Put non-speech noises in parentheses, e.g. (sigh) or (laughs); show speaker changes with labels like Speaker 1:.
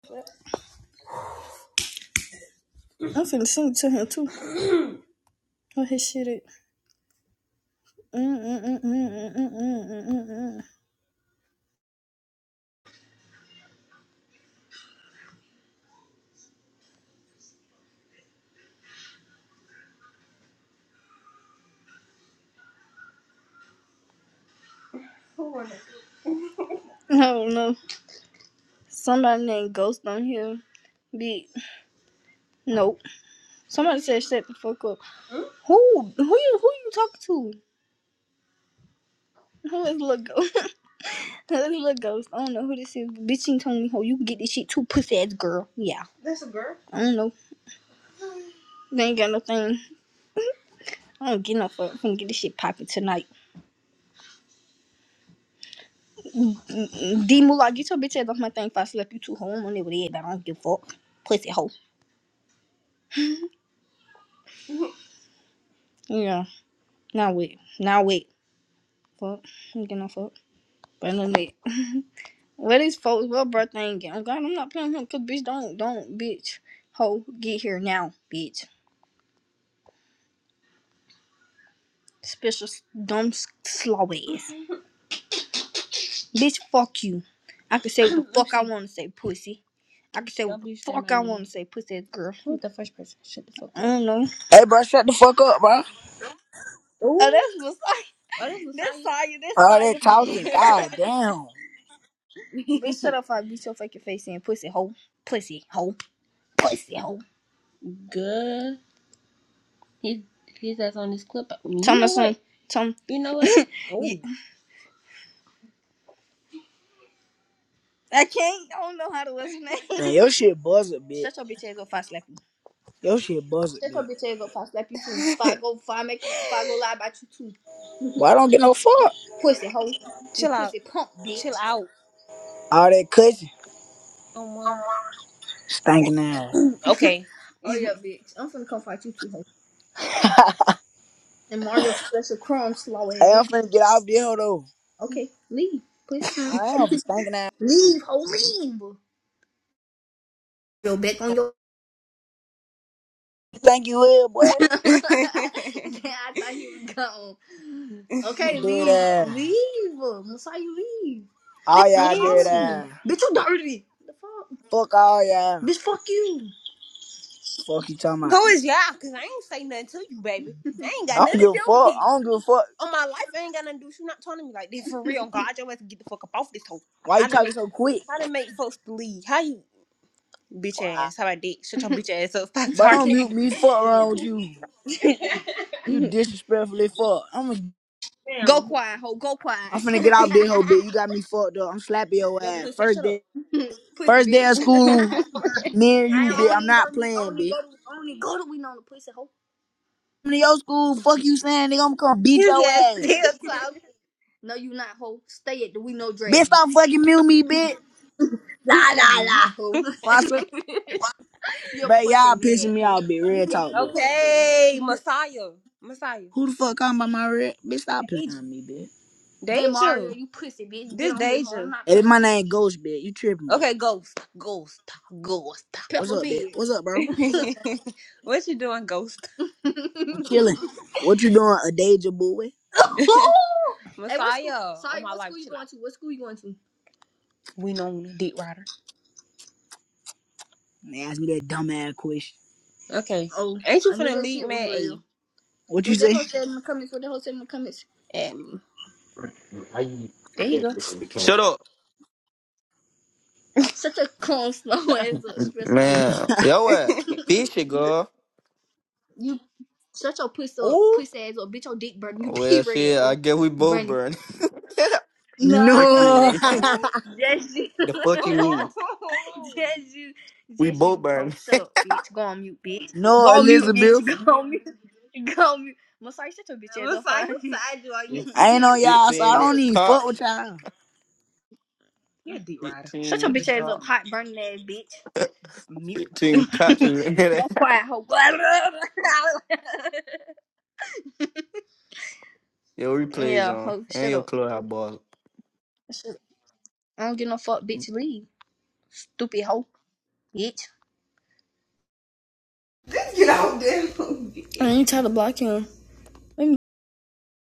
Speaker 1: I'm finna sing it to him too. Oh, his shit it. Mm-mm-mm-mm-mm-mm-mm-mm-mm. I don't know. Somebody named Ghost on here. Be nope. Somebody said shut the fuck up. Who? Who you? Who you talking to? Who is little ghost? (laughs) This little ghost. I don't know who this is. but Bitch, ain't told me how you can get this shit too, pussy ass girl. Yeah. That's a girl. I don't know. They ain't got no thing. (laughs) I don't get no fuck. I'm finna get this shit popping tonight. D Moolah, get your bitch ass off my thing if I slap you two Home on it with it, I don't give a fuck. Pussy hoe. Yeah. Now wait. Now wait. Fuck. I'm getting no fuck. But no wait. Where these folks? What bro thing? I'm glad I'm not playing him. Cause bitch, don't, don't, bitch. hoe, get here now, bitch. Special dumb s- slow ass. Bitch, fuck you. I can say what the fuck I want to say, pussy. I can say what the fuck I want to say, pussy ass girl. Who's the first person? Shut the fuck up. I don't know.
Speaker 2: Hey, bro, shut the fuck up, bro.
Speaker 1: Oh, Ooh. that's Messiah. Oh, that's That's Messiah. That's
Speaker 2: All that
Speaker 1: Saya. That's Saya (laughs)
Speaker 2: talking,
Speaker 1: for
Speaker 2: god damn.
Speaker 1: Bitch, shut up. If I beat your fucking face in. Pussy hole. Pussy hole. Pussy hole. Good. He his that's on this clip. You Tell me know what? some. Tell me. You know what? (laughs) Yeah. Oh, Yeah. I can't. I don't know how to listen name.
Speaker 2: Man, your shit buzz a
Speaker 1: (laughs)
Speaker 2: bit.
Speaker 1: Shut your bitch ass up. Fast slap you.
Speaker 2: Your shit buzz a
Speaker 1: Shut your
Speaker 2: bit.
Speaker 1: bitch ass up. Fast slap you too. (laughs) Fuck go. Fuck make you. Fuck go lie about you too.
Speaker 2: But I don't get no fuck.
Speaker 1: Pussy hole. You Chill You out. pussy punk bitch. Chill out.
Speaker 2: All that cussing,
Speaker 1: Um, uh,
Speaker 2: stinking ass.
Speaker 1: okay. (laughs) oh yeah, bitch. I'm finna come fight you too, hoe. And Mario special crumb slow
Speaker 2: Hey,
Speaker 1: ass.
Speaker 2: I'm finna get out this hoe, though.
Speaker 1: Okay, leave. Please come. (laughs)
Speaker 2: I am for stinking ass.
Speaker 1: Leave, ho, leave. You're back on your.
Speaker 2: You think you will, boy?
Speaker 1: (laughs) I thought you were gone. Okay, (laughs)
Speaker 2: Dirty
Speaker 1: leave.
Speaker 2: ass.
Speaker 1: Leave. Masai, you leave.
Speaker 2: All
Speaker 1: Stop
Speaker 2: y'all
Speaker 1: Yes.
Speaker 2: dirty
Speaker 1: calling me.
Speaker 2: ass.
Speaker 1: Bitch, you dirty. The fuck?
Speaker 2: Fuck all y'all.
Speaker 1: Bitch, fuck you.
Speaker 2: Fuck you talking about.
Speaker 1: Who is y'all? Cause I ain't say nothing to you, baby. (laughs) I ain't got
Speaker 2: I
Speaker 1: nothing
Speaker 2: don't
Speaker 1: to
Speaker 2: give a
Speaker 1: do with
Speaker 2: fuck. I
Speaker 1: this.
Speaker 2: don't give a fuck.
Speaker 1: On my life, I ain't got nothing to do. with You not talking to me like this for real. (laughs) God, your ass can get the fuck up off this hoe.
Speaker 2: Why
Speaker 1: How
Speaker 2: you
Speaker 1: to
Speaker 2: talking
Speaker 1: make
Speaker 2: so quick?
Speaker 1: how to make folks believe? How you bitch ass? How about did? Shut your (laughs) bitch ass up. Stop
Speaker 2: But don't
Speaker 1: talking.
Speaker 2: mute me. Fuck
Speaker 1: (laughs) yeah.
Speaker 2: wrong with you? You disrespectfully fuck. I'm going to
Speaker 1: Damn. go quiet, hoe. Go quiet.
Speaker 2: I'm finna get out this whole bit. You got me fucked up. I'm slapping your
Speaker 1: Your
Speaker 2: ass.
Speaker 1: pussy,
Speaker 2: First
Speaker 1: shut up.
Speaker 2: day,
Speaker 1: Pussy
Speaker 2: first day of
Speaker 1: bitch. (laughs)
Speaker 2: school, me and
Speaker 1: I
Speaker 2: you, bitch. I'm
Speaker 1: only go
Speaker 2: not
Speaker 1: to
Speaker 2: playing,
Speaker 1: only
Speaker 2: bitch.
Speaker 1: go to only go to we know the pussy hoe.
Speaker 2: Come to your school, fuck you saying, nigga. I'm gonna beat
Speaker 1: You
Speaker 2: your
Speaker 1: just
Speaker 2: ass.
Speaker 1: still talking. (laughs) No, you not hoe. Stay at the we know
Speaker 2: Bitch,
Speaker 1: dragons.
Speaker 2: stop fucking mute me, bitch. If
Speaker 1: La la la. Hoe.
Speaker 2: I slap-
Speaker 1: (laughs) Your
Speaker 2: But
Speaker 1: pussy
Speaker 2: y'all
Speaker 1: mad
Speaker 2: pissing me
Speaker 1: hoe.
Speaker 2: off, bitch. Real
Speaker 1: Yo,
Speaker 2: talk, bitch.
Speaker 1: Okay, Messiah. Messiah.
Speaker 2: Who the fuck calling by my red? Bitch, stop pissing
Speaker 1: Deja.
Speaker 2: on me, bitch.
Speaker 1: and Mario, Deja. you pussy bitch. This Deja. I'm not
Speaker 2: Hey,
Speaker 1: playing
Speaker 2: my
Speaker 1: with you.
Speaker 2: name Ghost, bitch. You tripping, bitch.
Speaker 1: Okay, ghost. Ghost. Ghost.
Speaker 2: What's
Speaker 1: Pepper
Speaker 2: up, bitch?
Speaker 1: pig.
Speaker 2: What's up, bro?
Speaker 1: (laughs) (laughs) what you doing, ghost? (laughs)
Speaker 2: I'm chilling. What you doing, a danger boy?
Speaker 1: Messiah. hey, what school? Messiah. Oh Sorry, what life, school you going to? What school you going to? We known dick rider.
Speaker 2: And they ask me that dumb ass question.
Speaker 1: Okay. Oh, ain't you I knew finna that leave man
Speaker 2: What you
Speaker 1: What that finna
Speaker 2: say?
Speaker 1: hoe said in the comments? What that hoe said in the comments? at There you go.
Speaker 3: Shut up.
Speaker 1: (laughs) Such a calm, slow ass (laughs) up, bitch.
Speaker 3: Man, yo, what? Bitch, it, girl.
Speaker 1: You shut your pussy Oh, pussy ass up, bitch. Your dick burning. You pee
Speaker 3: Well,
Speaker 1: red
Speaker 3: shit, I
Speaker 1: hoe,
Speaker 3: guess we both
Speaker 1: burning. (laughs)
Speaker 3: burn. (laughs)
Speaker 1: Nah,
Speaker 3: fuck you.
Speaker 2: No.
Speaker 3: Mean.
Speaker 1: just you,
Speaker 2: (laughs)
Speaker 1: oh, just you,
Speaker 3: (laughs) the
Speaker 1: (laughs)
Speaker 3: fuck you mean?
Speaker 1: oh. just you,
Speaker 3: We
Speaker 1: just
Speaker 3: both
Speaker 1: you hoe.
Speaker 3: burn.
Speaker 1: Shut up, bitch. Go on mute, bitch.
Speaker 2: No,
Speaker 1: Go on mute,
Speaker 2: Elizabeth.
Speaker 1: bitch. Go (laughs) on mute. Go on mute. Masai, shut your bitch ass What's up, like fine. side you? Are
Speaker 2: I ain't
Speaker 1: you?
Speaker 2: on y'all, so
Speaker 1: (laughs)
Speaker 2: I
Speaker 3: 15
Speaker 1: Your
Speaker 2: don't
Speaker 3: inch
Speaker 1: pussy.
Speaker 2: even fuck
Speaker 3: cop.
Speaker 2: with y'all.
Speaker 1: Yeah, D Rider. Shut
Speaker 3: 15
Speaker 1: your bitch ass
Speaker 3: inch
Speaker 1: up,
Speaker 3: cop.
Speaker 1: hot burning ass bitch. mute. (laughs)
Speaker 3: 15 cops. (laughs) Yo,
Speaker 1: Go quiet, hoe. (laughs)
Speaker 3: replays
Speaker 1: yeah,
Speaker 3: on.
Speaker 1: hoe.
Speaker 3: And
Speaker 1: Shut
Speaker 3: your
Speaker 1: up.
Speaker 3: clubhouse boss.
Speaker 1: Shut up. I don't give no fuck, bitch. Leave, stupid hoe, bitch. (laughs) Get out there. I ain't try to block him. Let me